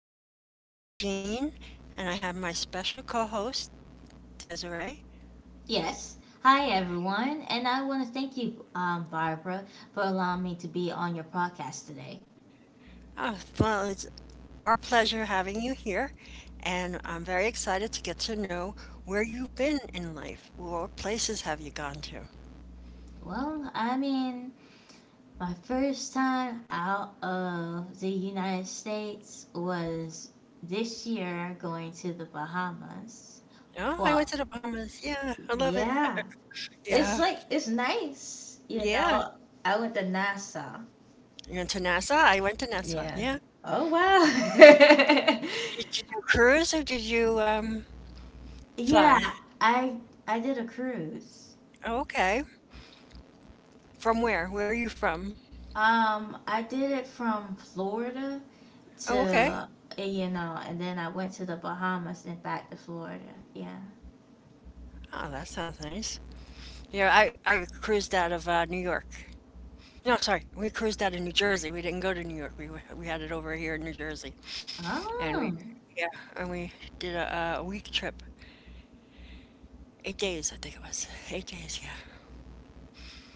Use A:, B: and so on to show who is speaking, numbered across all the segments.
A: everybody. It's Barbara Jean, and I have my special co host, Desiree.
B: Yes. Hi, everyone. And I want to thank you, Barbara, for allowing me to be on your podcast today.
A: Oh, well, it's our pleasure having you here, and I'm very excited to get to know where you've been in life. What places have you gone to?
B: Well, I mean, my first time out of the United States was this year going to the Bahamas.
A: Oh, I went
B: Well,
A: to the Bahamas. Yeah, I love it.
B: yeah. It's
A: Yeah,
B: like, it's nice, you
A: yeah.
B: know. I went to NASA.
A: You went to Nassau? I went to Nassau.
B: Yeah.
A: Yeah.
B: Oh, wow.
A: Did you do cruise or did you
B: Yeah.
A: fly?
B: I I did a cruise.
A: Oh, okay. From where? Where are you from?
B: I did it from Florida
A: Oh, okay.
B: to, and then I went to the Bahamas and back to Florida. Yeah.
A: Oh, that sounds nice. Yeah, I cruised out of New York. No, sorry, we cruised out of New Jersey. We didn't go to New York. We we had it over here in New Jersey, and
B: Oh,
A: yeah, we did a week trip, 8 days, I think it was, 8 days. Yeah.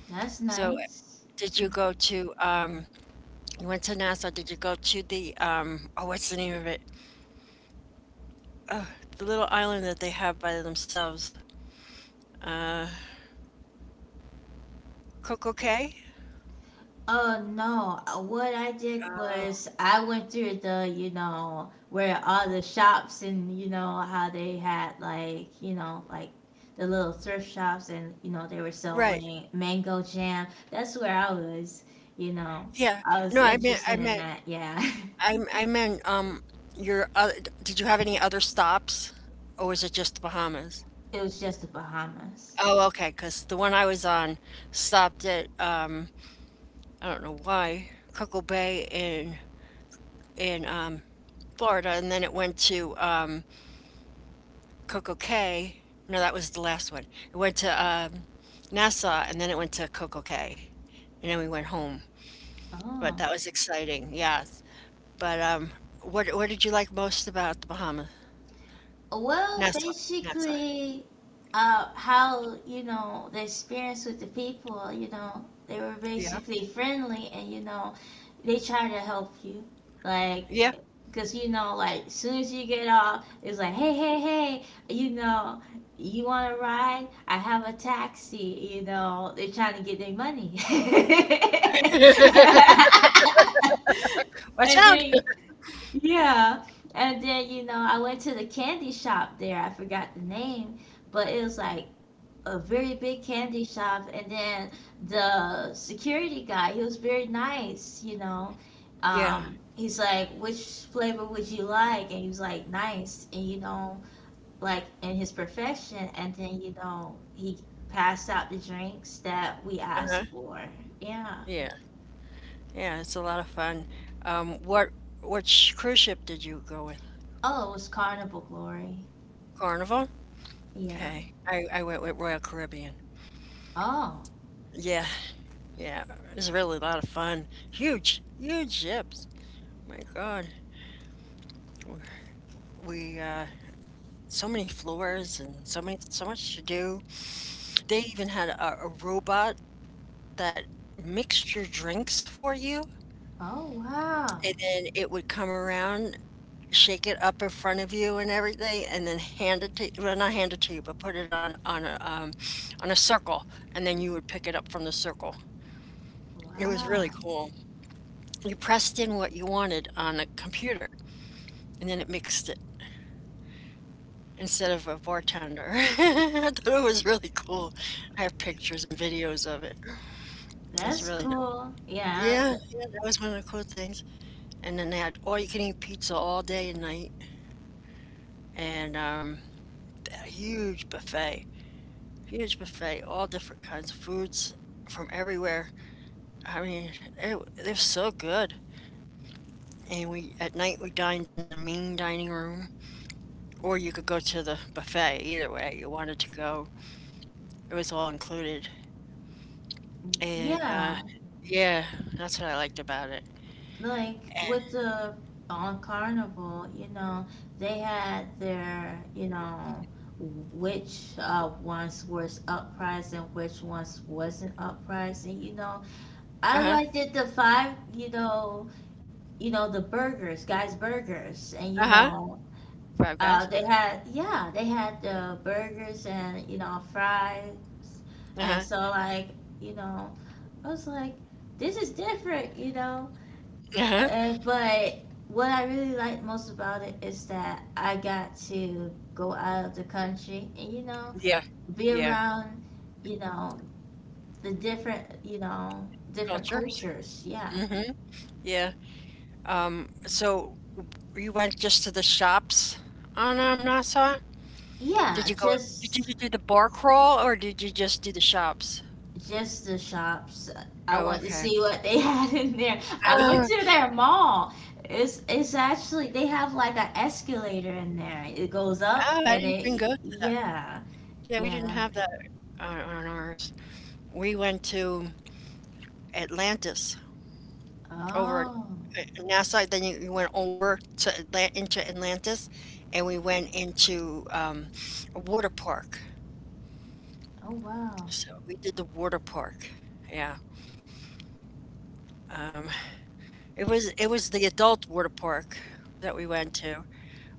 B: that's
A: So,
B: nice.
A: did you go to? You went to Nassau. Did you go to the? Oh, what's the name of it? Oh, the little island that they have by themselves. Uh, Coco Cay.
B: Oh no, what I did
A: Uh,
B: was I went through the where all the shops, and you know how they had like the little thrift shops, and you know they were
A: right.
B: selling mango jam. That's where I was, you know.
A: Yeah.
B: I
A: No,
B: was
A: I meant I
B: interested in
A: meant
B: that. Yeah.
A: I meant your other, did you have any other stops or was it just the Bahamas?
B: It was just the Bahamas.
A: Oh, okay, because the one I was on stopped at I don't know why Cocoa Bay in in Florida, and then it went to Coco Cay. No, that was the last one. It went to Nassau, and then it went to Coco Cay, and then we went home. But
B: Oh.
A: that was exciting, yes. But what did you like most about the Bahamas?
B: Well,
A: Nassau, Nassau.
B: basically, how, you know, the experience with the people, you know, they were
A: Yeah.
B: basically friendly and, you know, they try to help you. Like,
A: Yeah.
B: because, like, as soon as you get off, it's like, hey, hey, hey, you know, you want to ride? I have a taxi. You know, they're trying to get their money.
A: Watch
B: And
A: out.
B: then yeah. And then, I went to the candy shop there. I forgot the name, but it was like a very big candy shop. And then the security guy, he was very nice.
A: Yeah.
B: He's like, which flavor would you like? And he was like, nice. And, like in his profession. And then, he passed out the drinks that we asked
A: Uh-huh.
B: for. Yeah.
A: Yeah. Yeah, it's a lot of fun. What which cruise ship did you go with?
B: Oh, it was Carnival Glory.
A: Carnival?
B: Yeah.
A: Okay. I went with Royal Caribbean.
B: Oh.
A: Yeah, yeah. It was really a lot of fun. Huge, huge ships. My God. We so many floors and so many so much to do. They even had a robot that mixed your drinks for you
B: Oh, wow.
A: and then it would come around shake it up in front of you and everything, and then hand it to well, not hand it to you, but put it on on a circle, and then you would pick it up from the circle. It was
B: Wow,
A: really cool. You pressed in what you wanted on a computer, and then it mixed it instead of a bartender. I thought it was really cool. I have pictures and videos of it. It's
B: that's
A: really nice.
B: cool. Yeah,
A: Yeah, yeah, that was one of the cool things. And then they had all you can eat pizza all day and night, and a huge buffet. Huge buffet, all different kinds of foods from everywhere. I mean, they're so good. And we at night we dined in the main dining room, or you could go to the buffet. Either way you wanted to go, it was all included. And
B: yeah.
A: yeah, that's what I liked about it.
B: Like
A: And
B: with the on Carnival, you know, they had their, you know, which ones was uppriced and which ones wasn't uppriced, and you know,
A: uh
B: I
A: huh,
B: liked it the five, you know the burgers, guys' burgers, and you
A: uh huh,
B: know,
A: Five Guys,
B: They had, yeah, they had burgers and, you know, fries.
A: uh
B: And
A: huh,
B: so, like, you know, I was like, this is different, you know?
A: uh huh,
B: And, but what I really liked most about it is that I got to go out of the country and, you know,
A: yeah,
B: be
A: yeah,
B: around, you know, the different, you know, different
A: cultures.
B: cultures. Yeah.
A: Mm-hmm. Yeah. So you went just to the shops on Nassau?
B: Yeah,
A: Did you go? Did you do the bar crawl or did you just do the shops?
B: just the shops. I
A: Oh,
B: want to
A: okay.
B: see what they had in there. I went to their mall. It's actually they have like an escalator in there. It goes
A: Oh,
B: up
A: oh, I
B: and
A: didn't even go
B: it
A: to that.
B: yeah.
A: Yeah, we didn't
B: Yeah.
A: have that on ours. We went to Atlantis over
B: Oh.
A: at NASA. Then you went over to into Atlantis, and we went into a water park.
B: Oh wow.
A: So we did the water park. Yeah, um, it was the adult water park that we went to,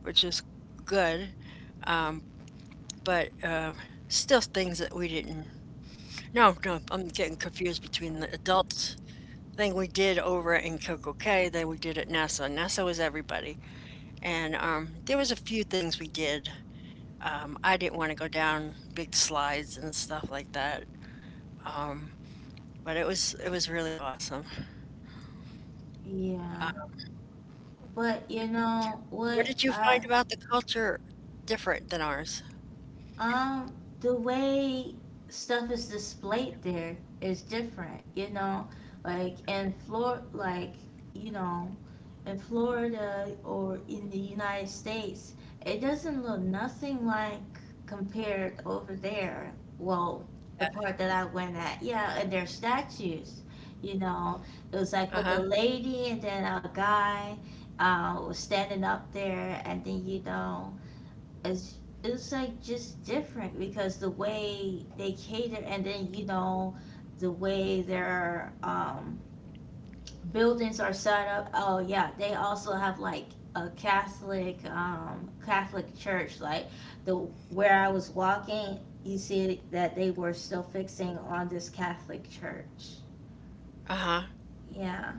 A: which was good. Um, but still things that we didn't. No, no, I'm getting confused between the adult thing we did over in Coco Cay, then we did at NASA. NASA was everybody, and there was a few things we did. I didn't want to go down big slides and stuff like that, um, but it was really awesome.
B: Yeah.
A: Uh,
B: But you know
A: what
B: what
A: did you
B: I
A: find about the culture different than ours?
B: Um, the way stuff is displayed there is different, you know, like in Flor like, you know, in Florida or in the United States, it doesn't look nothing like compared over there. Well, the
A: Yeah.
B: part that I went at, yeah, and their statues, you know, it was like
A: Uh
B: with
A: huh.
B: a lady and then a guy was standing up there, and then you know, it's like just different because the way they cater, and then you know the way their buildings are set up. Oh yeah, they also have like a Catholic church, like the where I was walking. You see that they were still fixing on this Catholic church.
A: Uh huh.
B: Yeah.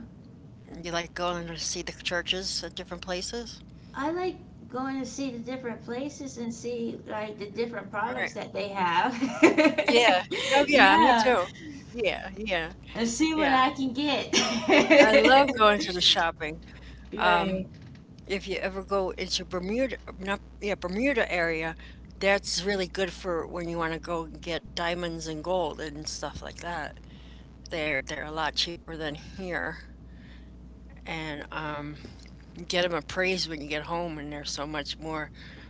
A: You like going to see the churches at different places?
B: I like going to see the different places and see like the different
A: Right.
B: products that they have.
A: Yeah. Oh, yeah, me
B: Yeah,
A: too. Yeah, yeah,
B: and see what
A: yeah.
B: I can get.
A: I love going to the shopping.
B: Right.
A: Um, if you ever go into Bermuda, not, yeah, Bermuda area, that's really good for when you want to go and get diamonds and gold and stuff like that. They're a lot cheaper than here. And get them appraised when you get home, and they're so much more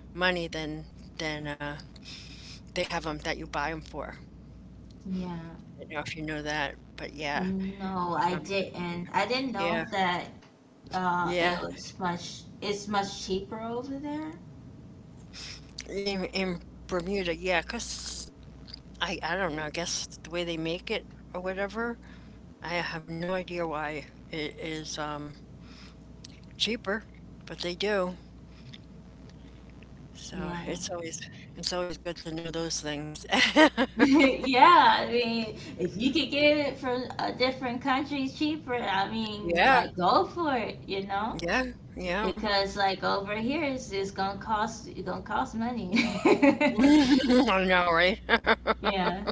A: money than than uh, they have them that you buy them for.
B: Yeah.
A: I don't know if you know that, but yeah,
B: No, I
A: um,
B: didn't. I didn't
A: yeah,
B: know that.
A: yeah.
B: It's much cheaper over there.
A: In Bermuda, yeah, 'cause I don't know, I guess the way they make it or whatever, I have no idea why it is cheaper, but they do. So
B: Yeah.
A: it's always good to know those things.
B: Yeah, I mean, if you could get it from a different country cheaper, I mean,
A: Yeah,
B: like go for it, you know?
A: yeah, yeah.
B: Because like over here it's gonna cost money.
A: I know, right?
B: Yeah.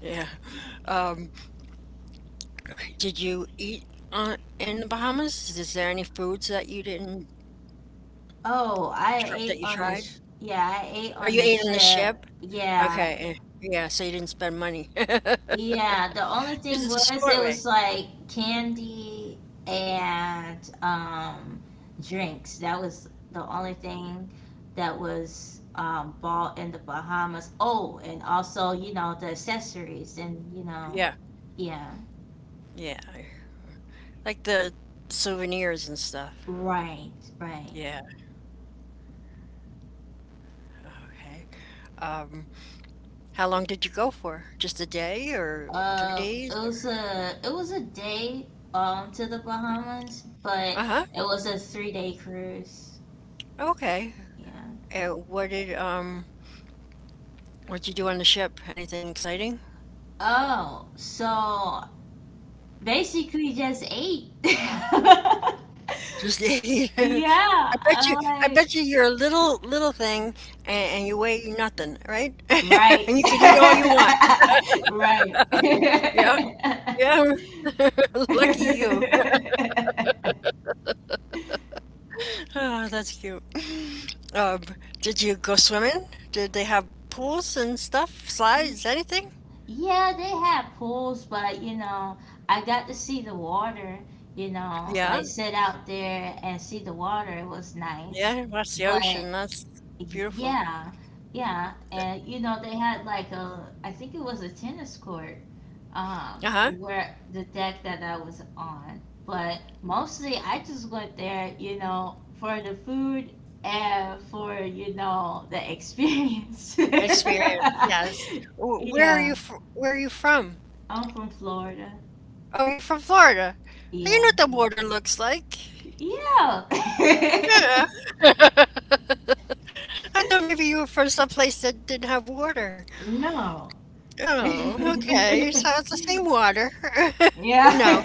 A: Yeah. Um, okay, did you eat on in the Bahamas? Is there any foods that you didn't
B: Oh, I
A: tr that
B: ate
A: you
B: on the
A: tried?
B: yeah, I ate
A: Or
B: on
A: you
B: the
A: ate on the
B: ship.
A: ship?
B: Yeah,
A: Okay, yeah, so you didn't spend money.
B: yeah. The only
A: This
B: thing
A: is a
B: was
A: smart
B: it
A: way.
B: was like candy and drinks. That was the only thing that was bought in the Bahamas. Oh, and also, you know, the accessories and you know,
A: Yeah,
B: yeah.
A: yeah, like the souvenirs and stuff.
B: Right, right.
A: Yeah, okay. Um, how long did you go for? Just a day or 3 days or
B: It was a day to the Bahamas, but
A: Uh-huh,
B: it was a 3-day cruise.
A: okay.
B: Yeah.
A: And what did, what'd you do on the ship? Anything exciting?
B: Oh, so basically just ate.
A: Just
B: Yeah, I
A: I bet
B: like
A: you you're a little thing and, and you weigh nothing, right?
B: right,
A: And you can eat all you want. Yeah. Yeah. Lucky you.
B: right.
A: Ah, that's cute. Um, did you go swimming? Did they have pools and stuff, slides, anything?
B: Yeah, they have pools, but you know, I got to see the water, you know,
A: Yeah,
B: like sit out there and see the water. It was nice.
A: yeah, that's the
B: But
A: ocean. That's beautiful.
B: yeah, yeah.
A: That-
B: And you know, they had like a, I think it was a tennis court,
A: Uh-huh.
B: where the deck that I was on. But mostly I just went there, you know, for the food and for, you know, the experience.
A: Experience, yes. Where are
B: Yeah.
A: you fr where are you from?
B: I'm from Florida.
A: Oh, you're from Florida. You know
B: Yeah.
A: what the water looks like.
B: Yeah.
A: Yeah. I thought maybe you were from someplace that didn't have water.
B: No.
A: Oh, okay, so it's the same water. No,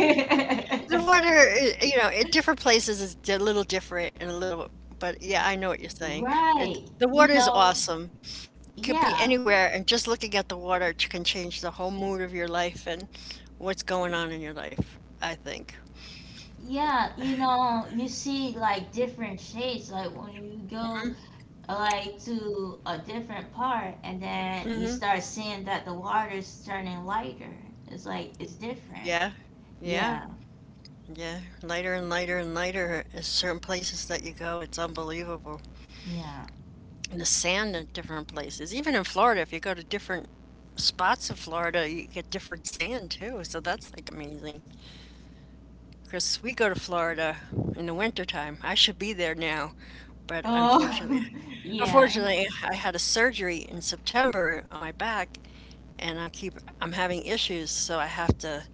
A: the water, I you know, at different places is a little different and a little but yeah, I know what you're saying. It
B: Right.
A: the
B: You
A: water is
B: know,
A: awesome. Could be
B: yeah.
A: anywhere, and just looking at the water ch can change the whole mood of your life and what's going on in your life, I think.
B: Yeah, you know, you see like different shades like when you
A: Mhm,
B: go like to a different part and then you
A: mhm,
B: start seeing that the water's turning lighter. It's like it's different.
A: yeah, yeah,
B: Yeah.
A: yeah, lighter and lighter and lighter at certain places that you go, it's unbelievable.
B: Yeah.
A: The sand in different places. Even in Florida, if you go to different spots of Florida, you get different sand too. So that's like amazing. Because we go to Florida in the wintertime. I should be there now, but unfortunately,
B: Oh, Yeah.
A: unfortunately, I had a surgery in September on my back, and I keep I'm having issues. So I have to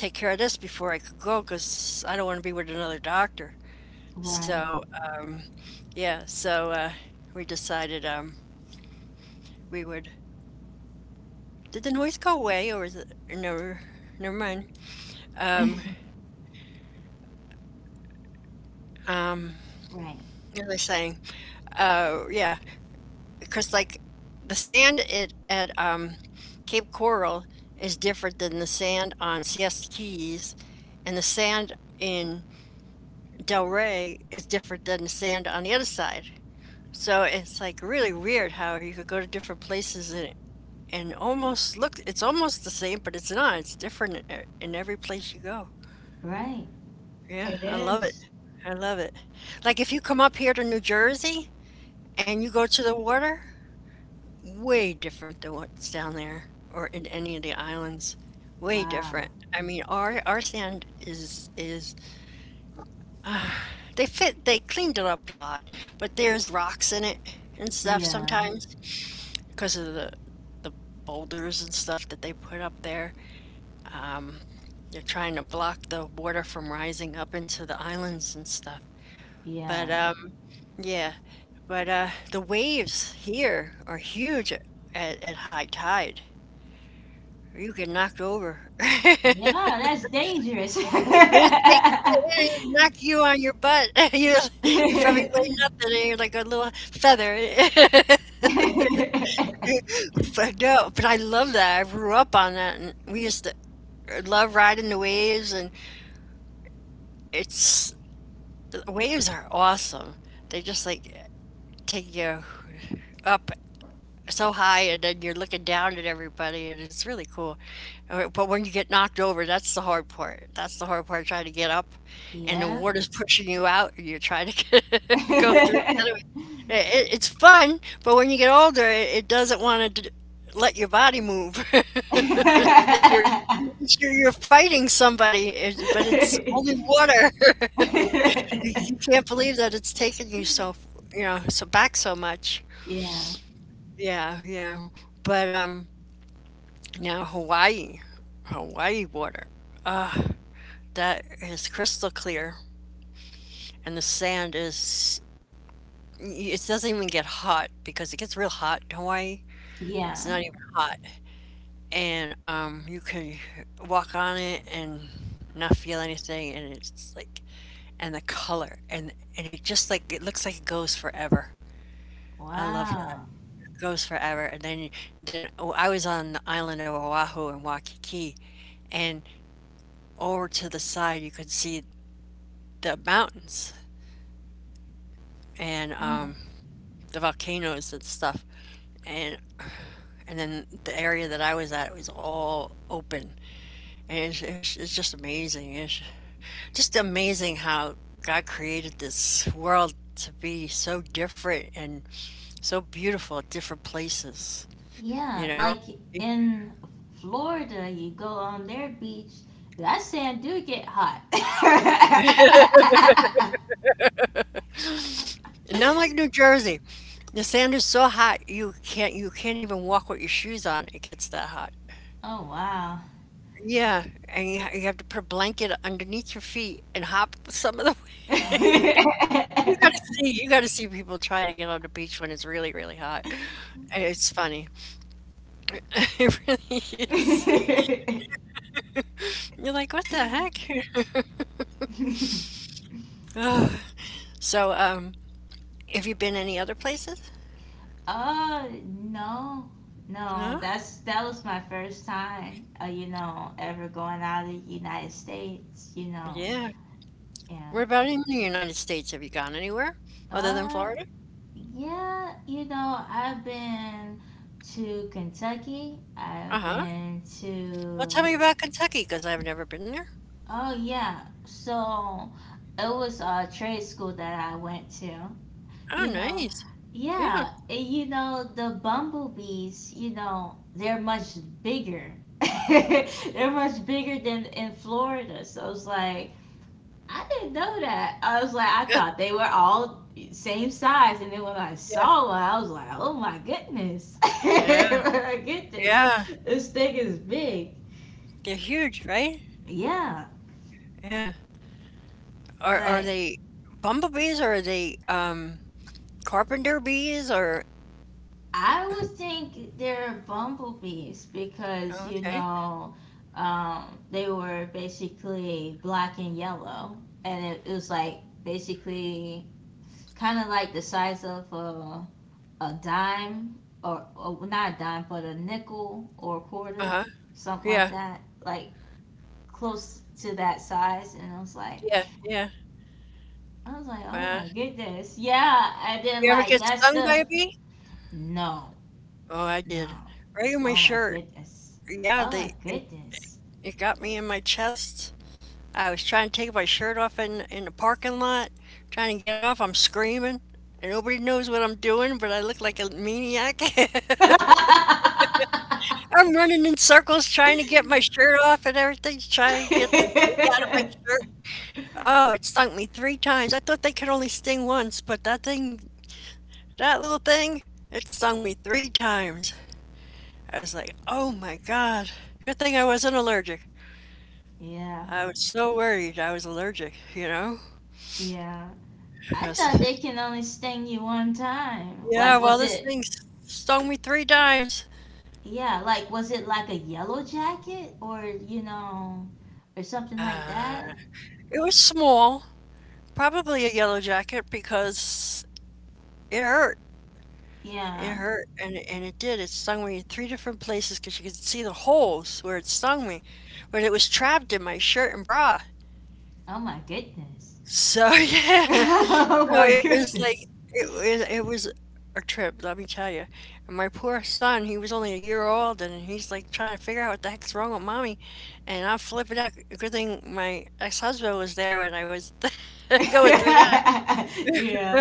A: take care of this before I could go because I don't want to be with another doctor.
B: Right.
A: So yeah, so we decided we would did the noise go away, or is it never? Never mind. Um, um,
B: Right.
A: what was I saying? Yeah, because like the sand at at Cape Coral is different than the sand on Siesta Keys, and the sand in Delray is different than the sand on the other side. So it's like really weird how you could go to different places and almost look. It's almost the same, but it's not. It's different in every place you go.
B: Right.
A: Yeah,
B: It
A: I love it.
B: is.
A: I love it. Like, if you come up here to New Jersey and you go to the water, way different than what's down there or in any of the islands. Way
B: Wow.
A: different. I mean, our sand is they cleaned it up a lot, but there's rocks in it and stuff
B: Yeah.
A: sometimes because of the boulders and stuff that they put up there. Um, they're trying to block the water from rising up into the islands and stuff. But
B: Yeah.
A: yeah, but the waves here are huge at high tide. You get knocked over.
B: Yeah,
A: it
B: that's dangerous.
A: take it knock you on your butt. you you probably weigh nothing, and you're like a little feather. But no, but I love that. I grew up on that, and we used to love riding the waves. And it's the waves are awesome. They just like take you up so high, and then you're looking down at everybody, and it's really cool. Right, but when you get knocked over, that's the hard part. That's the hard part, trying to get up, and the
B: Yeah.
A: water's pushing you out, and you're trying to go through the other way. It's fun, but when you get older, it doesn't want to let your body move. It's like you're, you're fighting somebody, but it's only water. You can't believe that it's taken you so back so much.
B: Yeah.
A: Yeah, yeah. But now Hawaii, Hawaii water. That is crystal clear, and the sand is, it doesn't even get hot because it gets real hot in Hawaii. It's
B: Yeah.
A: not even hot, and you can walk on it and not feel anything, and it's like, and the color, and it just like it looks like it goes forever. I love that.
B: Wow.
A: It goes forever, and then oh, I was on the island of Oahu in Waikiki, and over to the side you could see the mountains and
B: Hmm.
A: the volcanoes and stuff, and and then the area that I was at, it was all open, and it's just amazing. It's just amazing how God created this world to be so different and so beautiful at different places.
B: Yeah,
A: You know,
B: like in Florida, you go on their beach, that sand do get hot.
A: not like New Jersey. The sand is so hot you can't even walk with your shoes on. It gets that hot.
B: Oh wow.
A: Yeah, and you have to put a blanket underneath your feet and hop some of the, you gotta see people try to get on the beach when it's really, really hot. It's funny. It really is. You're like, "What the heck?" Ugh. So, have you been any other places?
B: Oh no. No,
A: No?
B: that was my first time, you know, ever going out of the United States, you know.
A: Yeah.
B: Yeah.
A: What about in the United States? Have you gone anywhere other than
B: Uh,
A: Florida?
B: yeah, you know, I've been to Kentucky. I've
A: Uh-huh.
B: been
A: Well, tell
B: to,
A: me about Kentucky, because 'cause I've never been there.
B: oh, yeah. So it was a trade school that I went to,
A: Oh,
B: you know.
A: nice. Yeah.
B: Yeah, and you know, the bumblebees, you know, they're much bigger. They're much bigger than in Florida. So it's like, I didn't know that. I was like, I
A: Yeah.
B: thought they were all same size, and then when I
A: Yeah.
B: saw one, I was like, oh my goodness,
A: Yeah.
B: my goodness,
A: Yeah.
B: this thing is big.
A: They're huge, right?
B: Yeah,
A: Yeah. Are
B: but
A: they bumblebees or are they, carpenter bees or?
B: I would think they're bumblebees because
A: Oh,
B: you
A: okay.
B: know um, they were basically black and yellow, and it was like basically kind of like the size of a dime, or well, not a dime, but a nickel or a quarter,
A: Uh-huh.
B: something like
A: Yeah.
B: that, like close to that size. And I was like,
A: Yeah, yeah.
B: I was like, oh my
A: Wow.
B: goodness, yeah. And then
A: You ever
B: like
A: get
B: that's
A: stung
B: the
A: by a bee?
B: no,
A: Oh, I
B: no.
A: did. Right in my
B: Oh my
A: shirt.
B: goodness.
A: Yeah,
B: Oh my
A: they it,
B: goodness.
A: it got me in my chest. I was trying to take my shirt off in the parking lot, trying to get it off. I'm screaming, and nobody knows what I'm doing, but I look like a maniac. I'm running in circles trying to get my shirt off and everything, trying to get the bee out of my shirt. Oh, it stung me three times. I thought they could only sting once, but that thing, that little thing, it stung me three times. I was like, oh my God. Good thing I wasn't allergic.
B: Yeah,
A: I was so worried I was allergic, you know?
B: yeah. I
A: I was-
B: thought they can only sting you one time.
A: yeah,
B: Like, was
A: well, this
B: it
A: thing stung me three times.
B: yeah, like was it like a yellow jacket or you know or something like
A: Uh,
B: that?
A: it was small, probably a yellow jacket because it hurt. It
B: Yeah.
A: hurt, and it, and it did. It stung me in three different places because you could see the holes where it stung me, but it was trapped in my shirt and bra.
B: Oh my goodness.
A: So yeah,
B: Oh my
A: so it was
B: goodness.
A: like, it was, it was a trip, let me tell you. And my poor son, he was only a year old, and he's like trying to figure out what the heck's wrong with mommy, and I'm flipping out. Good thing my ex-husband was there when I was going through that.
B: Yeah.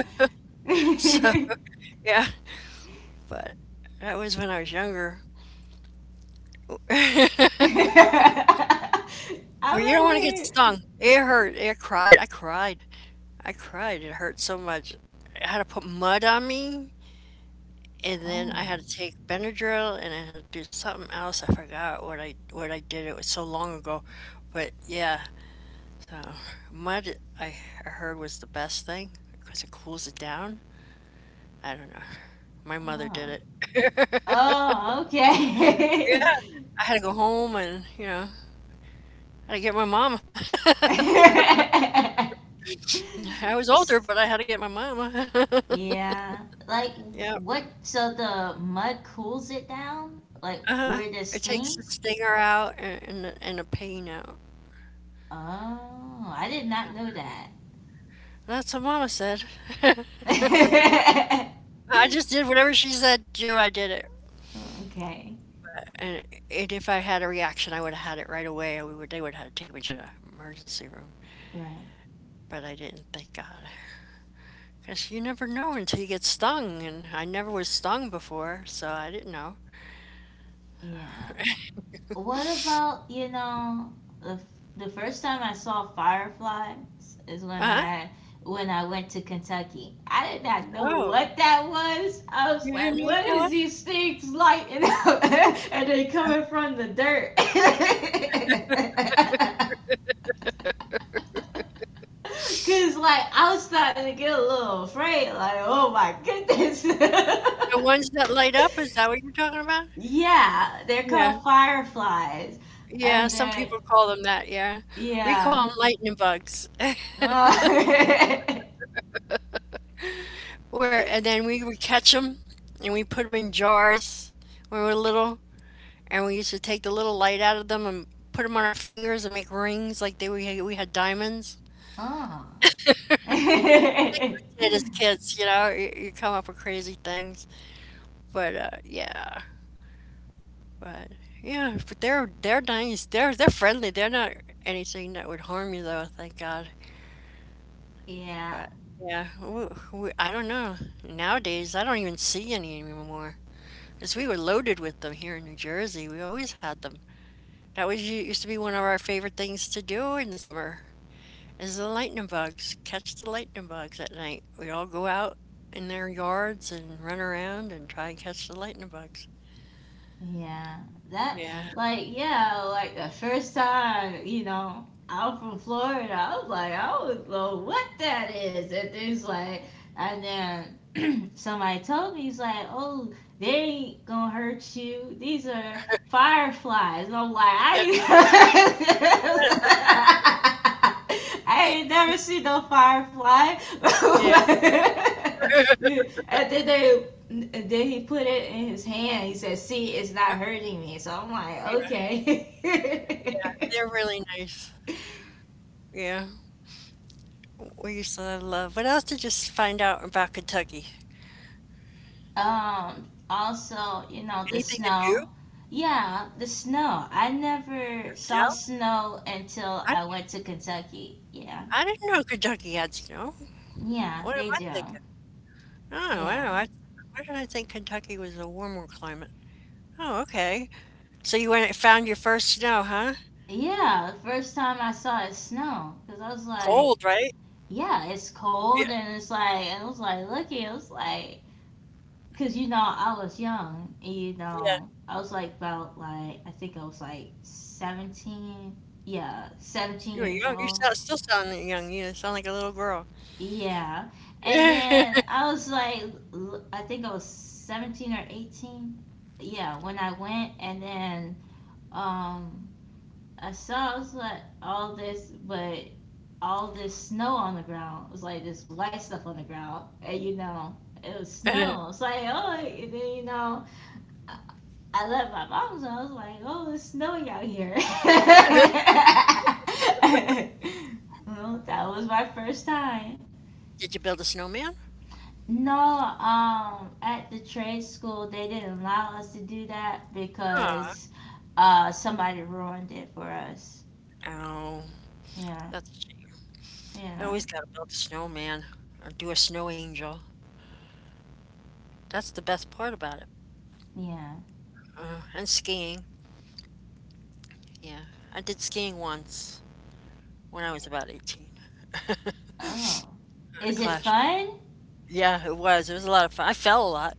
A: So
B: I
A: yeah, but that was when I was younger. Well, you don't
B: mean
A: want to get
B: we
A: stung. It hurt. It cried. I cried. I cried. It hurt so much. I had to put mud on me, and then I had
B: Oh.
A: to take Benadryl, and I had to do something else. I forgot what I did. It was so long ago, but yeah. So mud, I I heard was the best thing because it cools it down. I don't know. My mother did
B: Oh,
A: it.
B: oh okay.
A: Yeah, I had to go home, and you know, I had to get my mama. I was older,
B: S-
A: but I had to get my mama.
B: Yeah. Like
A: Yeah.
B: what so the mud cools it down? Like
A: Uh-huh.
B: where there's
A: It takes the
B: stings?
A: stinger out, and the, and the pain out.
B: Oh, I did not know that.
A: That's what Mama said. I just did whatever she said Joe, I did it.
B: Okay.
A: And and if I had a reaction, I would've had it right away, and we would, they would have had to take me to the emergency room,
B: Right.
A: but I didn't, thank God, because you never know until you get stung, and I never was stung before, so I didn't know.
B: Yeah. What about, you know, the, the first time I saw fireflies is when
A: Uh-huh.
B: I went to Kentucky. I did not know
A: Oh,
B: what that was. I was
A: you didn't
B: like,
A: know what
B: what
A: that
B: is
A: was?
B: these things lighting up? And they coming from the dirt. Cause like I was starting to get a little afraid, like, oh my goodness.
A: The ones that light up, is that what you're talking about?
B: Yeah, they're
A: Yeah.
B: called fireflies.
A: Yeah,
B: And
A: some people call them that, yeah. We
B: yeah.
A: call them lightning bugs.
B: Oh.
A: Where, and then we would catch them and we put them in jars when we were little, and we used to take the little light out of them and put them on our fingers and make rings like they, we had diamonds.
B: Oh.
A: Yeah, as kids, you know, you come up with crazy things. But yeah, but yeah, but they're nice. They're friendly. They're not anything that would harm you though, thank God.
B: Yeah.
A: But, yeah, I don't know. Nowadays, I don't even see any anymore. Cause we were loaded with them here in New Jersey, we always had them. That was u used to be one of our favorite things to do in the summer, is the lightning bugs, catch the lightning bugs at night. We'd all go out in their yards and run around and try and catch the lightning bugs.
B: Yeah, that
A: Yeah.
B: like yeah, like the first time you know out from Florida, I was like I don't know what that is, and things like, and then somebody told me he's like, oh, they ain't gonna hurt you. These are fireflies. And I'm like I. Ain't I ain't never seen no firefly.
A: Yeah,
B: And then they then he put it in his hand. He said, "See, it's not
A: yeah,
B: hurting me." So I'm like,
A: yeah, yeah,
B: "Okay."
A: they're really nice. Yeah, we used to love, what else did you s find out about Kentucky?
B: Also, you know the
A: Anything to do?
B: snow. Yeah, the snow. I never
A: Yeah.
B: saw snow until
A: I
B: I went to Kentucky. Yeah.
A: I didn't know Kentucky had snow.
B: Yeah,
A: What am
B: they
A: I
B: do.
A: thinking? Oh,
B: Yeah.
A: wow. I, why did I think Kentucky was a warmer climate? Oh, okay. So you went and found your first snow, huh?
B: Yeah, the first time I saw it snow, because I was like,
A: Cold, right?
B: yeah, it's cold,
A: Yeah,
B: and it's like, I was like, looking, it was like, cause you know, I was young, and you
A: yeah.
B: know, I was like about like I think I was like 17. Yeah, seventeen
A: You were
B: years
A: young. You
B: old.
A: sound, still sound young. You sound like a little girl.
B: Yeah, and then I was like, I think I was 17 or 18. Yeah, when I went, and then um, I saw I was like all this, but all this snow on the ground. It was like this white stuff on the ground, and you know, it was
A: Did
B: snow. It's like oh, and then you know. I left my mom's. So I was like, oh, it's snowing out here. Well, that was my first time.
A: you build a snowman?
B: No, at the trade school, they didn't allow us to do that
A: Aw.
B: because somebody ruined it for us.
A: Oh,
B: Yeah,
A: that's a shame. You
B: yeah,
A: always gotta build a snowman or do a snow angel. That's the best part about it.
B: yeah.
A: And skiing. Yeah, I did skiing once. When I was about 18. in
B: Oh, is
A: a
B: it
A: clash.
B: fun?
A: Yeah, it was. It was a lot of fun. I fell a lot,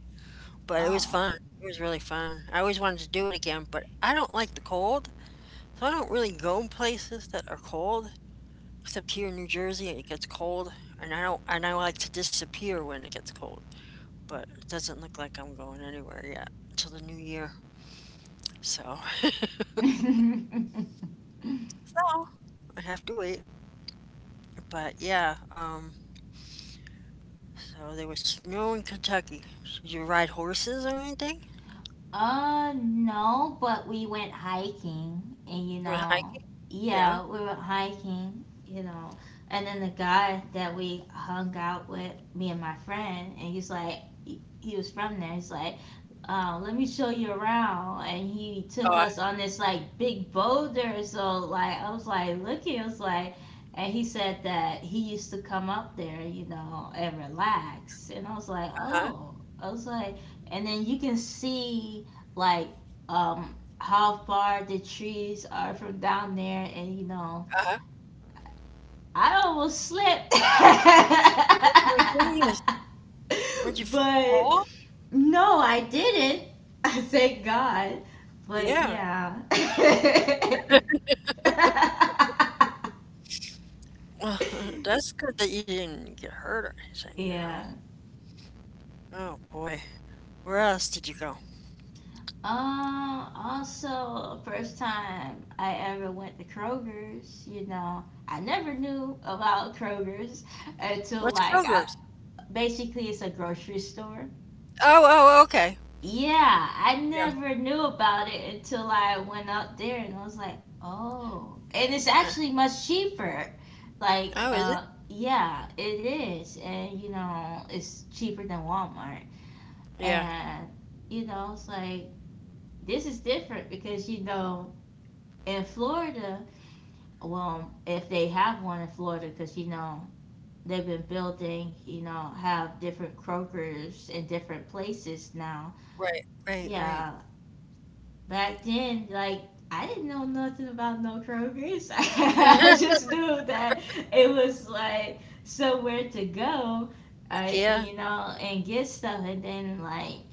A: but it was
B: Oh.
A: fun. It was really fun. I always wanted to do it again, but I don't like the cold, so I don't really go places that are cold, except here in New Jersey, it gets cold, and I don't, and I like to disappear when it gets cold. But it doesn't look like I'm going anywhere yet until the new year. So, so I have to wait. But yeah, so there was snow in Kentucky. Did you ride horses or anything?
B: No, but we went hiking, and you
A: You went hiking?
B: know,
A: Yeah.
B: yeah, we went hiking, you know, and then the guy that we hung out with, me and my friend, and he's like, he was from there. He's like, let me show you around, and he took
A: Oh,
B: us on this like big boulder. So like, I was like looking, I was like. And he said that he used to come up there, you know, and relax. And I was like,
A: uh-huh.
B: oh, I was like, and then you can see like um how far the trees are from down there, and you know
A: Uh-huh.
B: i almost slipped
A: Oh my goodness. Did you fall?
B: but no, I didn't. Thank God. But
A: Yeah.
B: yeah.
A: Well, that's good that you didn't get hurt or anything, you know.
B: Yeah.
A: Oh boy. Where else did you go?
B: Also, first time I ever went to Kroger's. You know, I never knew about Kroger's until
A: What's
B: like I...
A: Kroger's?
B: Basically, it's a grocery store.
A: Oh, oh, okay.
B: Yeah, I
A: Yeah.
B: never knew about it until I went out there and I was like, oh. And it's
A: Uh,
B: actually much cheaper. Like,
A: oh, is it?
B: yeah, it is. And, you know, it's cheaper than Walmart.
A: Yeah.
B: And, you know, it's like, this is different because, you know, in Florida, well, if they have one in Florida, because, you know, they've been building, you know, have different Kroger's in different places now.
A: Right, right,
B: Yeah, back then, like, I didn't know nothing about no Kroger's. I
A: right.
B: just knew that it was like somewhere to go,
A: Yeah,
B: you know, and get stuff. And then like,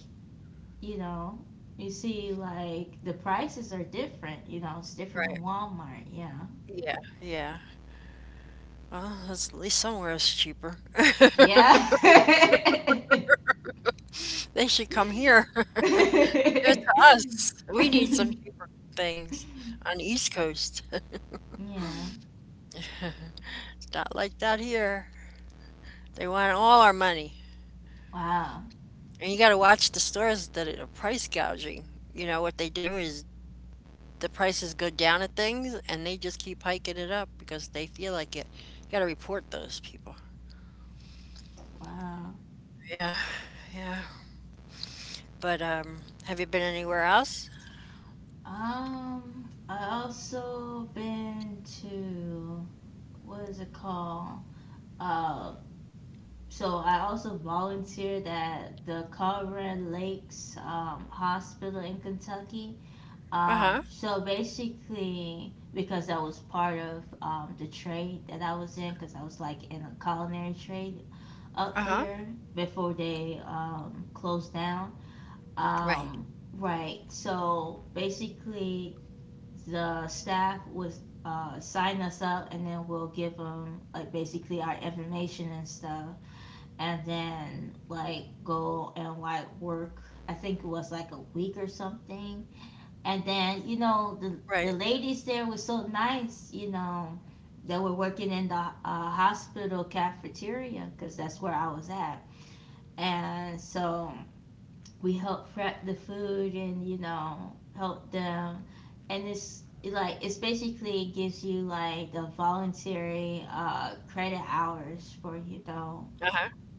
B: you know, you see like the prices are different. You know, it's different
A: right.
B: than Walmart. Yeah,
A: Yeah, yeah. Well, that's, at least somewhere is cheaper.
B: yeah.
A: They should come here. Give it to us. We need some cheaper things on the East Coast.
B: Yeah.
A: Not like that here. They want all our money.
B: Wow,
A: And you got to watch the stores that are price gouging. You know, what they do is the prices go down at things and they just keep hiking it up because they feel like it. You got to report those people.
B: wow.
A: Yeah, yeah. But have you been anywhere else?
B: I also been to, what is it called? Uh, so I also volunteered at the Colorado Lakes Hospital in Kentucky.
A: Uh huh.
B: So basically, because that was part of the trade that I was in, because I was like in a culinary trade
A: Uh
B: up
A: huh.
B: there before they closed down.
A: Right.
B: Um, right. So basically, the staff would sign us up, and then we'll give them like basically our information and stuff, and then like go and like work. I think it was like a week or something. And then, you
A: Right.
B: know, the ladies there were so nice, you know, that were working in the hospital cafeteria, because that's where I was at. And so we help prep the food, and, you know, help them. And it's like, it's basically gives you like the voluntary credit hours for, you
A: Uh
B: know,
A: huh.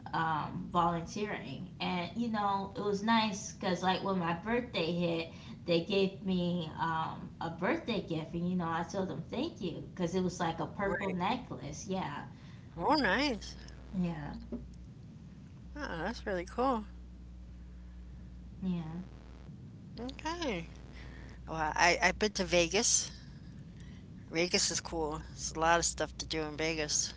B: volunteering. And you know it was nice because like when my birthday hit, they gave me a birthday gift, and you know I told them thank you because it was like a
A: Right.
B: purple necklace. Yeah,
A: Oh, nice.
B: yeah,
A: Oh, that's really cool.
B: yeah.
A: Okay. Well, I, I've been to Vegas. Vegas is cool. There's a lot of stuff to do in Vegas.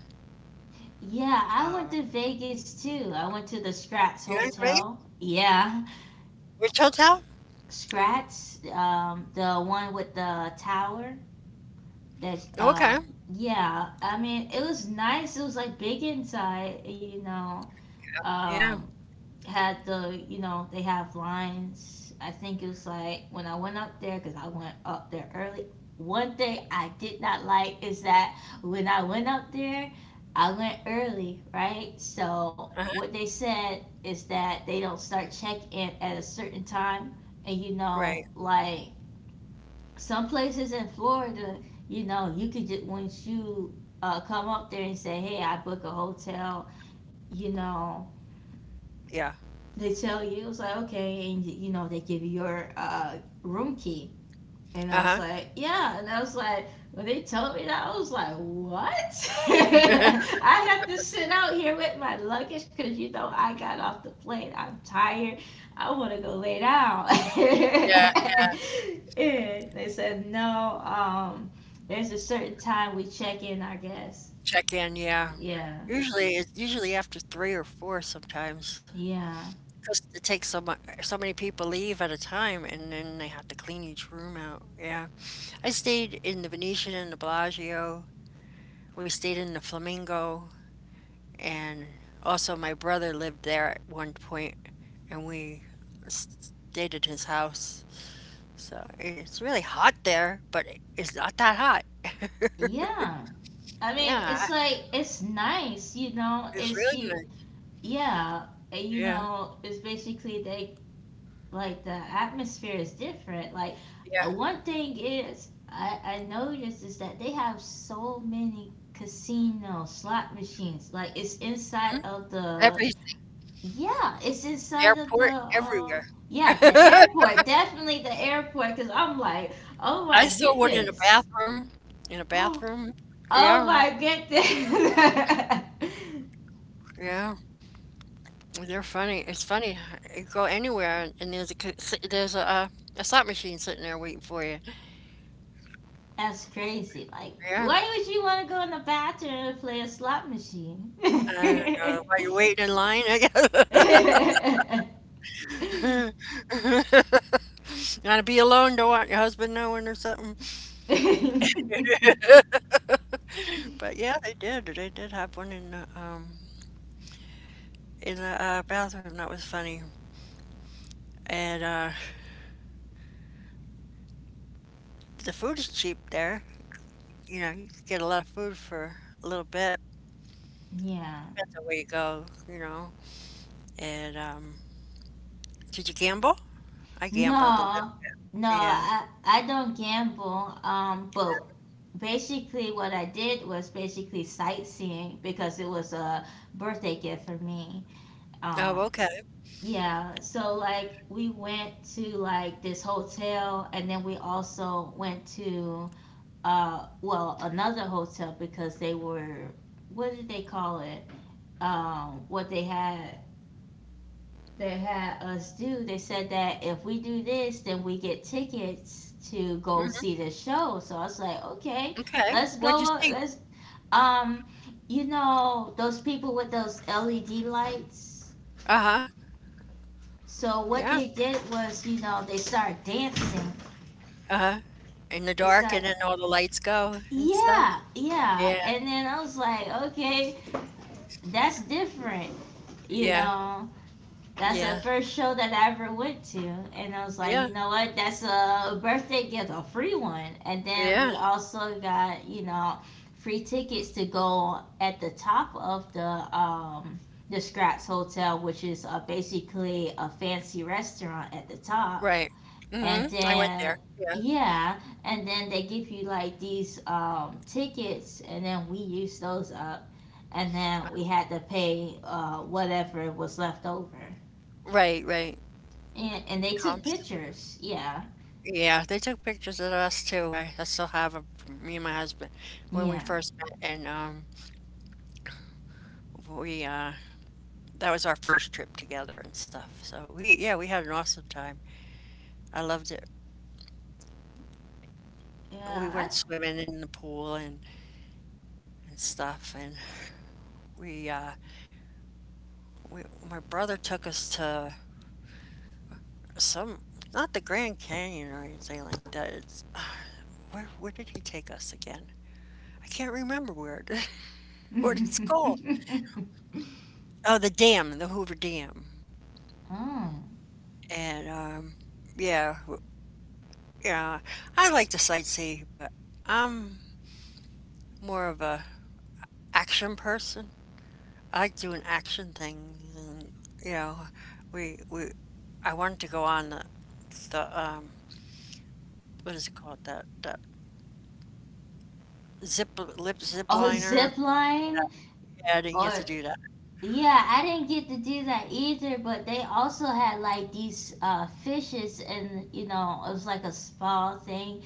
B: Yeah, I went
A: Um,
B: to Vegas too. I went to the Scratch
A: Yeah, right?
B: Hotel, yeah.
A: Rich Hotel?
B: Scratch, the one with the tower. That's
A: Okay.
B: yeah. I mean, it was nice. It was like big inside. You know, um,
A: Yeah.
B: had the, you know, they have lines. I think it was like when I went up there because I went up there early. One thing I did not like is that when I went up there, I went early, right? So what
A: Uh-huh.
B: they said is that they don't start check in at a certain time, and you know,
A: Right.
B: like, some places in Florida, you know, you could just, once you come up there and say, "Hey, I book a hotel," you know,
A: Yeah.
B: they tell you it's like okay, and you know they give you your room key. And I was
A: Uh-huh.
B: like, yeah. And I was like, when they told me that, I was like, what? I have to sit out here with my luggage because you know I got off the plane. I'm tired. I want to go lay down.
A: Yeah.
B: And they said, no, there's a certain time we check in, I guess.
A: Check in, yeah.
B: Yeah,
A: Usually it's usually after three or four sometimes.
B: yeah,
A: Because it takes so much, so many people leave at a time, and then they have to clean each room out. Yeah, I stayed in the Venetian and the Bellagio. We stayed in the Flamingo, and also my brother lived there at one point, and we stayed at his house. So it's really hot there, but it, it's not that hot.
B: yeah. I mean, it's
A: Yeah,
B: like, it's nice, you know,
A: it's
B: it's
A: really
B: you,
A: good.
B: yeah. You
A: Yeah,
B: know, it's basically they, like the atmosphere is different. Like,
A: yeah.
B: one thing is, I noticed is that they have so many casino slot machines. Like, it's
A: Mhm.
B: inside of the,
A: Everything,
B: yeah, it's inside of the
A: airport, everywhere.
B: yeah, the
A: I
B: airport. Definitely the airport, because I'm like, oh my
A: saw one in a
B: goodness,
A: bathroom, in a
B: oh
A: bathroom. Yeah,
B: my goodness.
A: yeah. They're funny. It's funny. You go anywhere, and there's a c- s- there's a slot machine sitting there waiting for you.
B: That's crazy. Like,
A: Yeah.
B: why would you want to go in the bathroom and play a slot machine?
A: I don't know. While you're waiting in line, I guess. Gotta be alone. Don't want your husband knowing or something.
B: Yeah.
A: But yeah, they did. They did have one in the bathroom. That was funny. And the food is cheap there. You know, you can get a lot of food for a little bit. Depends on where you go, you know. And did you gamble? I gambled a little.
B: No, no,
A: Yeah.
B: I don't gamble. But basically, what I did was basically sightseeing because it was a birthday gift for me.
A: Oh,
B: Um,
A: okay.
B: yeah, so like we went to like this hotel, and then we also went to well, another hotel because they were, what did they call it? What they had us do, they said that if we do this, then we get tickets to go see
A: Hmm.
B: the show. So I was like, okay,
A: Okay.
B: let's
A: What'd you
B: go.
A: see?
B: Let's um, you know those people with those LED lights.
A: Uh huh.
B: So what
A: Yeah.
B: they did was, you know, they start dancing.
A: Uh huh. In the
B: They
A: dark, and
B: start,
A: then all the lights go and stuff.
B: yeah,
A: Yeah.
B: yeah, and then I was like, okay, that's different, you
A: Yeah.
B: know. That's the
A: Yeah.
B: first show that I ever went to. And I was
A: Yeah.
B: like, you know what? That's a birthday gift, a free one. And then
A: Yeah.
B: we also got, you know, free tickets to go at the top of um the Scratch Hotel, which is basically a fancy restaurant at the top.
A: Right.
B: And
A: Mhm. I went there.
B: then
A: Yeah.
B: yeah, and then they give you like these tickets, and then we used those up, and
A: Uh,
B: then we had to pay whatever was left over,
A: right, right.
B: and they took
A: Comps.
B: pictures. Yeah,
A: Yeah, they took pictures of us too. I still have a, me and my husband when we
B: yeah,
A: first met, and we that was our first trip together and stuff. So we yeah, we had an awesome time. I loved it. We
B: yeah. I...
A: went swimming in the pool and stuff, and we uh, we my brother took us to some, not the Grand Canyon or anything like that. It's where did he take us again? I can't remember where. Where did it's called? Oh, the dam, the Hoover Dam.
B: Oh,
A: And yeah, yeah, I like to sightsee, but I'm more of a action person. I like doing action things, and you know, we I wanted to go on the the um what is it called, that zip zip
B: oh,
A: liner.
B: zip line
A: Yeah, I didn't get to
B: or...
A: do that.
B: Yeah, I didn't get to do that either, but they also had like these fishes, and you know, it was like a spa thing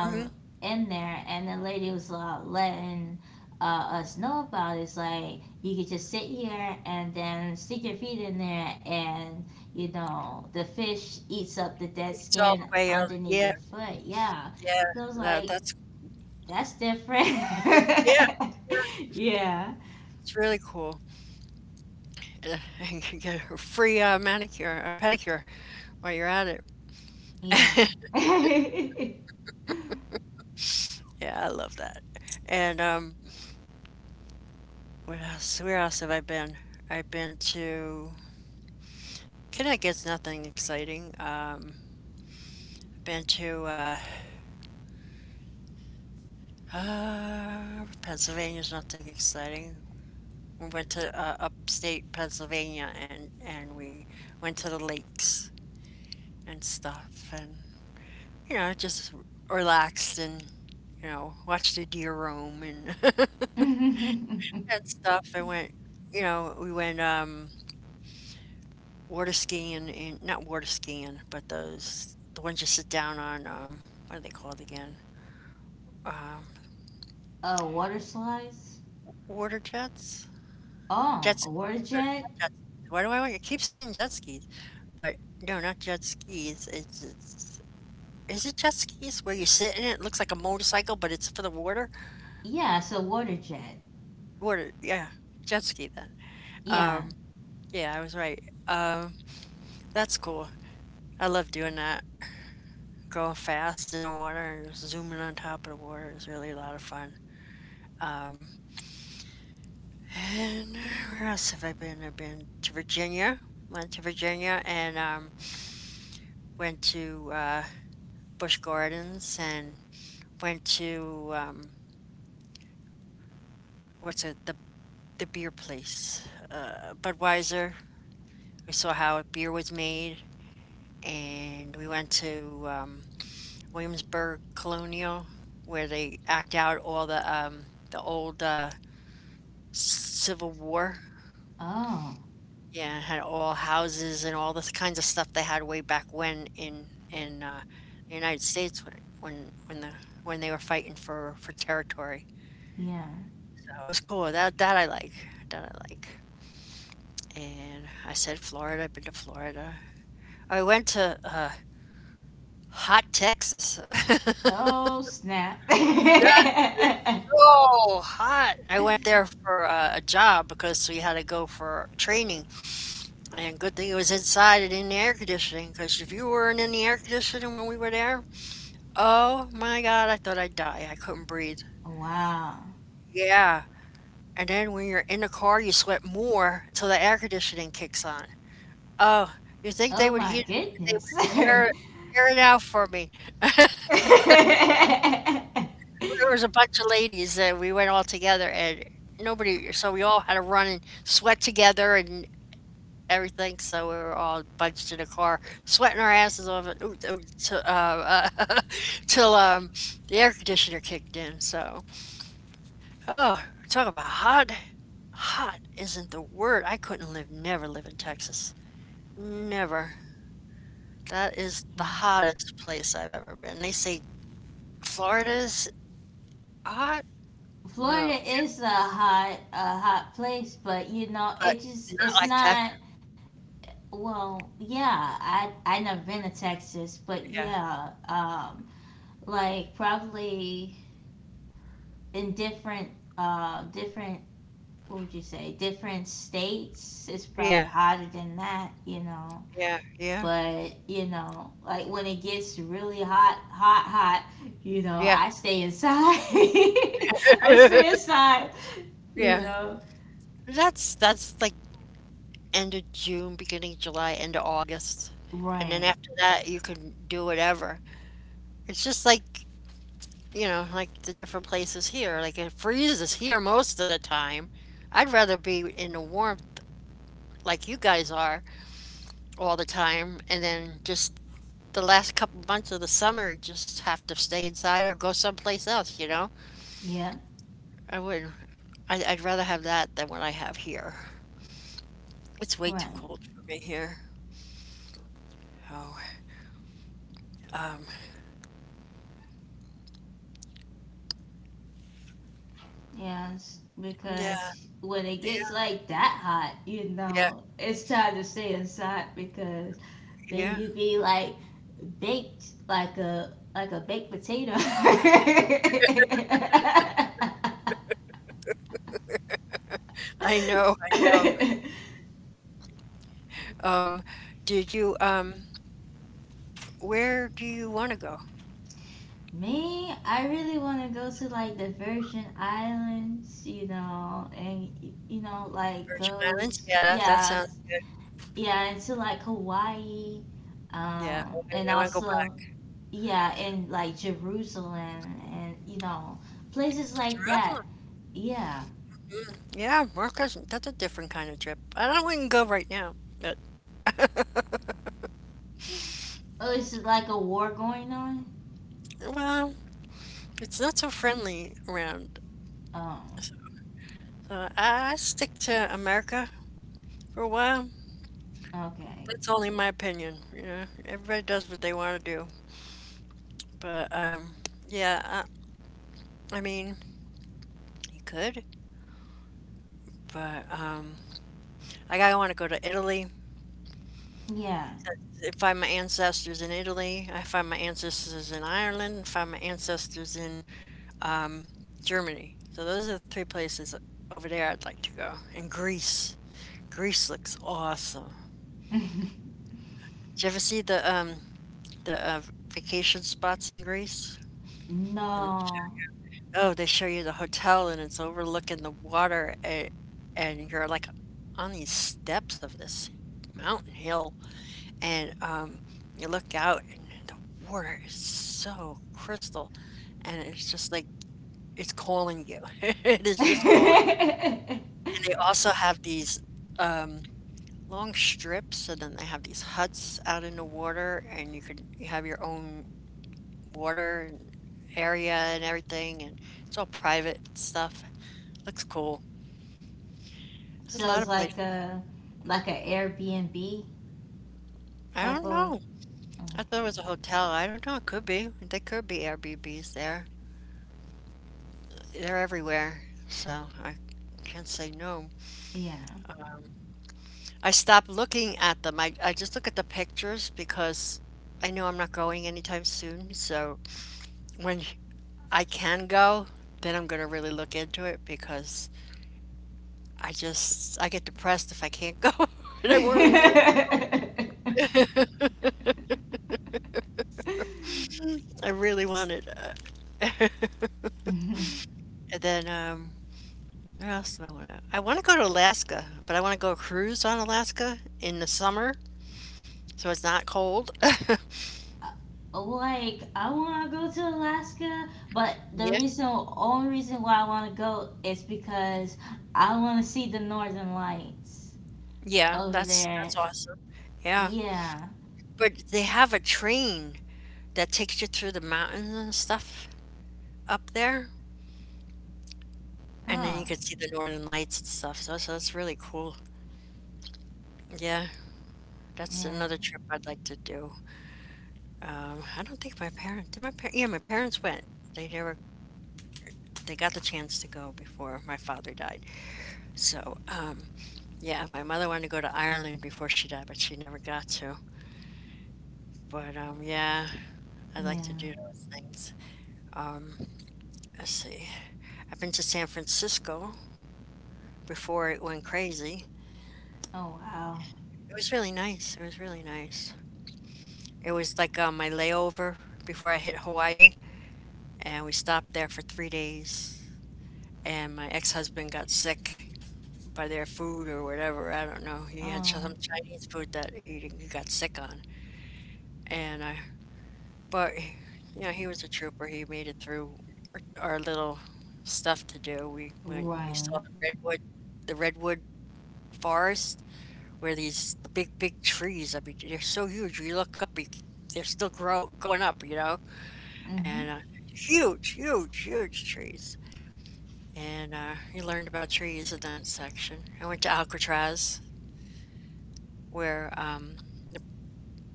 A: Hmm.
B: in there, and the lady was letting us know about it. It's like you could just sit here and then stick your feet in there, and you know, the fish eats up the dead
A: It's all the
B: skin
A: way out.
B: underneath
A: Yeah,
B: your foot. Yeah.
A: yeah,
B: So I was
A: that
B: like,
A: that's
B: that's different.
A: yeah, yeah.
B: Yeah.
A: It's really cool. Yeah, and can get a free manicure or pedicure while you're at
B: Yeah.
A: it.
B: uh,
A: Yeah, I love that. And what else? Where else have I been? I've been to Connecticut's nothing exciting. Been to Pennsylvania's nothing exciting. We went to upstate Pennsylvania, and we went to the lakes and stuff, and just relaxed, and watched a deer roam, and and stuff. I went you know we went water skiing, and not water skiing, but those, the ones you sit down on, what are they called again? um
B: Water slides?
A: water jets.
B: Oh,
A: Jet
B: a
A: skis,
B: water
A: or
B: jet?
A: not jet skis. Why do I keep saying jet skis, but no, not jet skis, it's, is it jet skis where you sit in it? It looks like a motorcycle, but it's for the water.
B: Yeah, it's a water jet.
A: Water, yeah, jet ski then.
B: Yeah.
A: Um, yeah, I was right. That's cool. I love doing that. Going fast in the water and zooming on top of the water is really a lot of fun. Um, and where else have I been? I've been to Virginia. Went to Virginia, and went to Busch Gardens, and went to what's it? The beer place, Budweiser. We saw how beer was made, and we went to Williamsburg Colonial, where they act out all the old Civil War.
B: Oh,
A: Yeah, had all houses and all the kinds of stuff they had way back when in the United States, when the when they were fighting for territory.
B: yeah.
A: So it was cool. That I like. That I like. And I said Florida. I've been to Florida. I went to hot Texas.
B: Oh, snap.
A: That is so hot. I went there for a job because we had to go for training. And good thing it was inside and in the air conditioning, because if you weren't in the air conditioning when we were there, oh my God, I thought I'd die. I couldn't breathe.
B: Wow.
A: Yeah. And then when you're in the car, you sweat more until the air conditioning kicks on. Oh, you think they
B: Oh,
A: would
B: my
A: heat? They
B: goodness.
A: would
B: Yeah.
A: air it out for me. There was a bunch of ladies that we went all together, and nobody. So we all had to run and sweat together and everything, so we were all bunched in a car, sweating our asses off it, ooh, ooh, till, till the air conditioner kicked in. So, oh, talk about hot. Hot isn't the word. I couldn't live, never live in Texas. Never. That is the hottest place I've ever been. They say Florida's hot?
B: Florida
A: No,
B: is a hot place, but you know,
A: but
B: it just,
A: not
B: it's
A: like Texas.
B: not... Well, yeah, I never been to Texas, but
A: Yeah,
B: yeah, like probably in different what would you say, different states, it's probably
A: yeah,
B: hotter than that, you know.
A: yeah, yeah,
B: But you know, like when it gets really hot, hot, hot, you know,
A: yeah,
B: I stay inside. I stay inside, you
A: yeah.
B: know.
A: That's like end of June, beginning of July, end of August. And then
B: Right.
A: after that, you can do whatever. It's just like, like the different places here. Like it freezes here most of the time. I'd rather be in the warmth like you guys are all the time. And then just the last couple months of the summer, just have to stay inside or go someplace else, you know?
B: Yeah.
A: I would. I'd rather have that than what I have here. It's way too
B: Right.
A: cold for me here. Oh, um,
B: Yes,
A: yeah,
B: because when it gets
A: yeah,
B: like that hot, you
A: yeah,
B: know, it's time to stay inside because then
A: yeah.
B: you'd be like baked like a baked potato.
A: I know, I know. Um, did you, um, where do you want to go?
B: Me, I really want to go to like the Virgin Islands, you know, and you know, like
A: Virgin
B: go,
A: Islands?
B: t-
A: Yeah, that
B: yeah,
A: sounds good.
B: yeah, and to like Hawaii,
A: Yeah,
B: and
A: I want to go
B: also
A: back.
B: yeah, in like Jerusalem, and you know, places like that.
A: Jerusalem.
B: Yeah.
A: Mm, yeah, Marcus, that's a different kind of trip. I don't, wouldn't go right now, but
B: Oh, is it like a war going on?
A: well, it's not so friendly around.
B: Oh,
A: So, so, I stick to America for a while.
B: okay.
A: That's only my opinion. You know, everybody does what they want to do. But yeah, I mean, you could, but. Like, I wanna go to Italy,
B: Yeah.
A: and find my ancestors in Italy, I find my ancestors in Ireland, find my ancestors in, um, Germany. So those are the three places over there I'd like to go, and Greece. Greece looks awesome. Did you ever see the vacation spots in Greece? And they sh
B: No.
A: oh, they show you the hotel, and it's overlooking the water, a and you're, like, on these steps of this mountain hill. And you look out, and the water is so crystal, and it's just like it's calling you. It is just calling. And they also have these um, long strips, and then they have these huts out in the water, and you have your own water and area and everything, and it's all private stuff. Looks cool. There's a
B: So
A: lot
B: it's
A: of
B: like
A: places.
B: a, like a airbnb
A: I
B: type
A: don't
B: of...
A: know. I thought
B: okay.
A: it was a hotel. I don't know. It could be. There could be Airbnbs there. They're everywhere, so I can't say no.
B: Yeah.
A: I stopped looking at them. I just look at the pictures because I know I'm not going anytime soon. So when I can go, then I'm going to really look into it, because I get depressed if I can't go. And I really want it. I really want it. And then where else do I want to? I want to go to Alaska, but I want to go cruise on Alaska in the summer so it's not cold.
B: Like, I want to go to Alaska, but the
A: Yeah.
B: reason, only reason why I want to go is because I want to see the Northern Lights
A: Yeah,
B: over
A: that's
B: there.
A: that's awesome. Yeah,
B: Yeah.
A: but they have a train that takes you through the mountains and stuff up there, and then
B: Oh,
A: you can see the northern lights and stuff. So, that's really cool. Yeah, that's
B: yeah.
A: another trip I'd like to do. I don't think my parents did. Yeah, my parents went. They never, they got the chance to go before my father died. So yeah, my mother wanted to go to Ireland before she died, but she never got to. But yeah, I'd like to
B: Yeah.
A: do those things. Um, let's see. I've been to San Francisco before it went crazy.
B: Oh wow.
A: It was really nice. It was really nice. It was like my layover before I hit Hawaii, and we stopped there for 3 days. And my ex husband got sick by their food or whatever. I don't know. He had
B: Oh,
A: some Chinese food that he got sick on. And I, but, he was a trooper. He made it through our little stuff to do. We went and we saw
B: right.
A: the redwood forest, where these big, big trees, I mean, they're so huge. You look up, you, they're still going up, you know?
B: Mhm.
A: And huge, huge, huge trees. And you learned about trees in that section. I went to Alcatraz, where the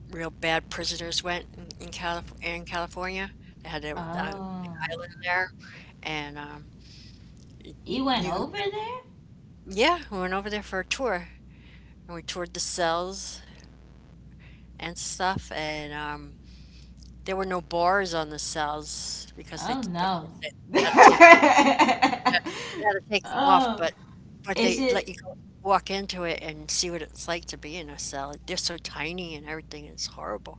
A: real bad prisoners went in California. They had the
B: Oh,
A: island there. And
B: you went
A: you,
B: over there?
A: yeah, we went over there for a tour. And we toured the cells and stuff. And There were no bars on the cells because, they
B: Oh
A: of course,
B: no.
A: they had to take 'em, yeah, they had to take 'em off,
B: Oh,
A: but they
B: is
A: let you
B: it?
A: go walk into it and see what it's like to be in a cell. They're so tiny and everything, and it's horrible.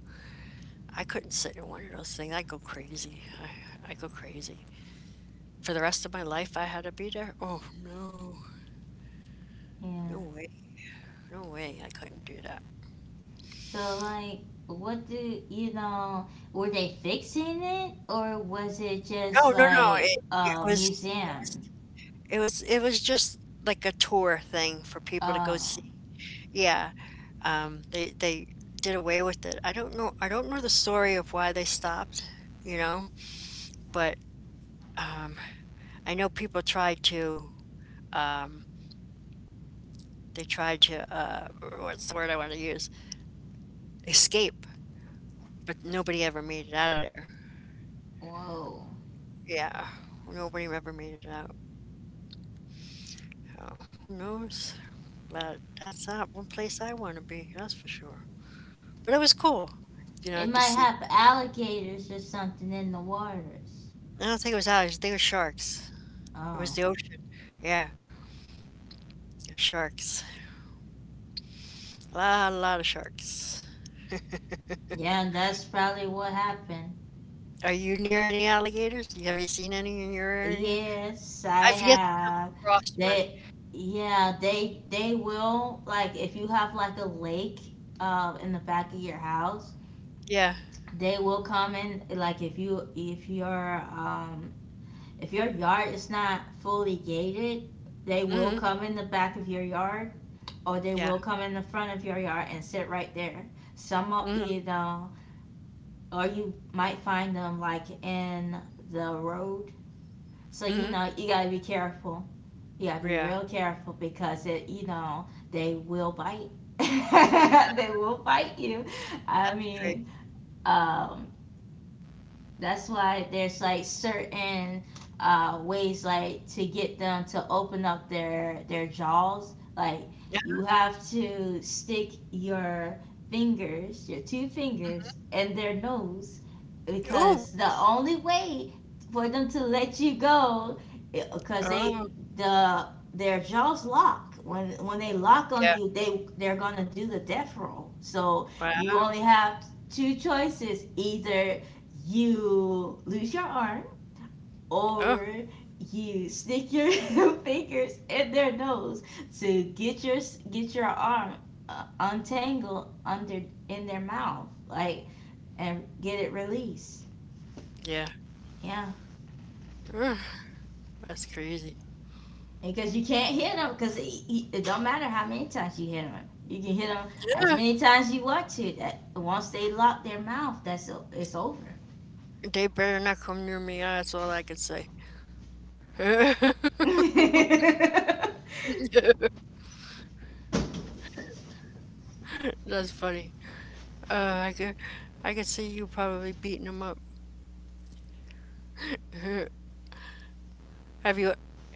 A: I couldn't sit in one of those things, I go crazy. I go crazy. For the rest of my life, I had to be there? Oh, no. No
B: Yeah.
A: way. No way, I couldn't do that.
B: So, like, what do you know? Were they fixing it, or was it
A: No,
B: just
A: no, no,
B: like
A: it
B: a
A: was it was
B: museum?
A: it was it was just like a tour thing for people to go
B: Um,
A: see. Yeah, they did away with it. I don't know the story of why they stopped, you know, but, um, I know people tried to, um, they tried to, what's the word I wanna use? Escape, but nobody ever made it out of there.
B: whoa,
A: Yeah, nobody ever made it out. So, who knows? But that's not one place I wanna be, that's for sure. But it was cool,
B: it might
A: to see.
B: have alligators or something in the waters.
A: I don't think it was ours, I think it was sharks. It was
B: Oh,
A: the ocean. Yeah, sharks. A lot of sharks.
B: yeah, and that's probably what happened.
A: Are you near any alligators? Have you seen any in your area?
B: Yes, I
A: I've yet to come
B: have.
A: across one.
B: They, yeah, they will, like if you have like a lake, in the back of your house,
A: Yeah.
B: they will come in, like if you, if your yard is not fully gated, they will
A: Mhm.
B: come in the back of your yard, or they
A: Yeah.
B: will come in the front of your yard and sit right there, some of
A: Mhm.
B: you know, or you might find them like in the road. So you
A: Mhm.
B: know you got to be careful. You got to be
A: Yeah.
B: real careful, because, it, you know, they will bite. They will bite you. I
A: That's crazy.
B: mean, um that's why there's like certain ways, like, to get them to open up their jaws. Like,
A: Yeah.
B: you have to stick your fingers, your two
A: Mhm.
B: fingers, in their nose,
A: Ooh.
B: because the only way for them to let you go, because they,
A: Oh.
B: the, their jaws lock. When they lock on
A: Yeah.
B: you, they they're gonna do the death roll, so
A: Wow.
B: you only have two choices: either you lose your arm,
A: Oh.
B: or you stick your fingers in their nose to get your, get your arm, untangled under, in their mouth, like, and get it released.
A: Yeah.
B: Yeah.
A: Ugh, that's crazy.
B: Because you can't hit them, because it don't matter how many times you hit them, you can hit them as
A: Yeah.
B: many times you want to, that once they lock their mouth, that's o- it's over.
A: They better not come near me. That's all I can say. That's funny. Uh, I could, I could see you probably beating them up. Have you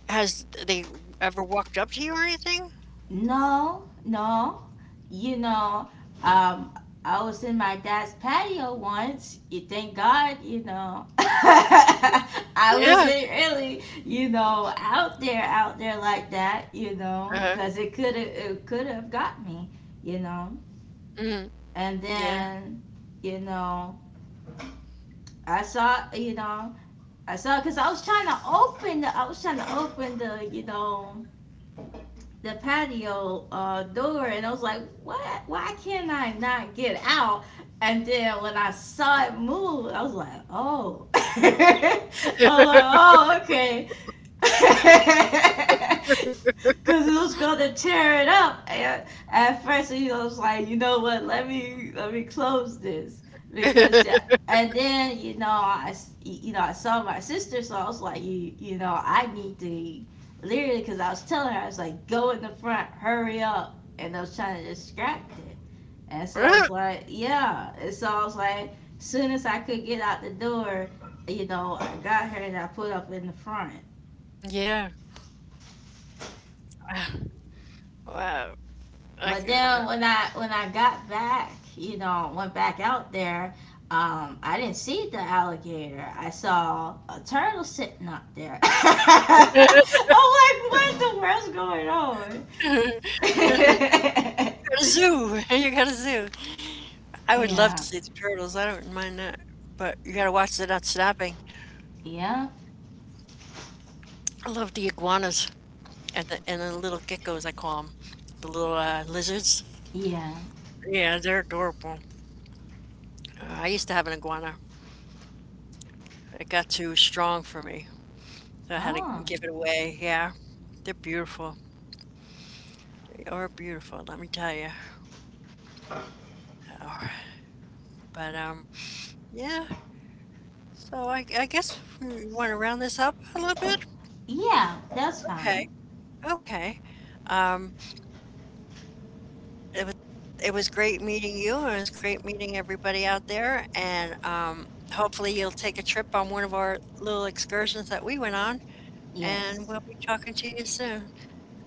A: has they ever walked up to you or anything?
B: No, no. You know, um, I was in my dad's patio once. You thank God, you know.
A: Yeah.
B: I
A: Yeah.
B: wasn't really, you know, out there like that, you know,
A: Uh-huh.
B: because it could have got me, you know.
A: Mhm.
B: And
A: Yeah.
B: then, you know, I saw, you know, I saw because I was trying to open the, I was trying to open the, you know, the patio door, and I was like, "What? Why can not I not get out?" And then when I saw it move, I was like, "Oh." I was like, "Oh, okay." Cause it was gonna tear it up. And at first, he was like, you know what? Let me close this because yeah. And then you know I s- you know I saw my sister, so I was like, you know I need to literally because I was telling her I was like, go in the front, hurry up, and I was trying to distract it. And so I was like, yeah. And so I was like, as soon as I could get out the door, you know, I got her and I put up in the front.
A: Yeah. Wow. Like,
B: But then when I got back, you know, went back out there, I didn't see the alligator. I saw a turtle sitting up there. I'm like, what in the world's going on?
A: you got a zoo. You got a zoo. I would love
B: Yeah,
A: to see the turtles. I don't mind that, but you gotta watch they're not snapping.
B: yeah,
A: I love the iguanas and the little geckos, I call them. The little, lizards.
B: yeah.
A: Yeah, they're adorable. I used to have an iguana. It got too strong for me. So I had to
B: Oh,
A: give it away. Yeah, they're beautiful. They are beautiful, let me tell you. Oh, but, yeah, so I guess we wanna round this up a little bit?
B: yeah, that's fine.
A: Okay, okay. Um, it was it was great meeting you, and it was great meeting everybody out there, and, hopefully you'll take a trip on one of our little excursions that we went on, and
B: Yes.
A: we'll be talking to you soon.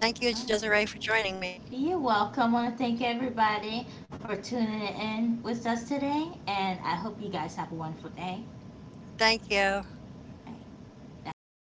A: Thank you,
B: Oh,
A: Desiree, for joining me.
B: you're welcome. Want to thank everybody for tuning in with us today, and I hope you guys have a wonderful day.
A: Thank you.
B: Right. Day.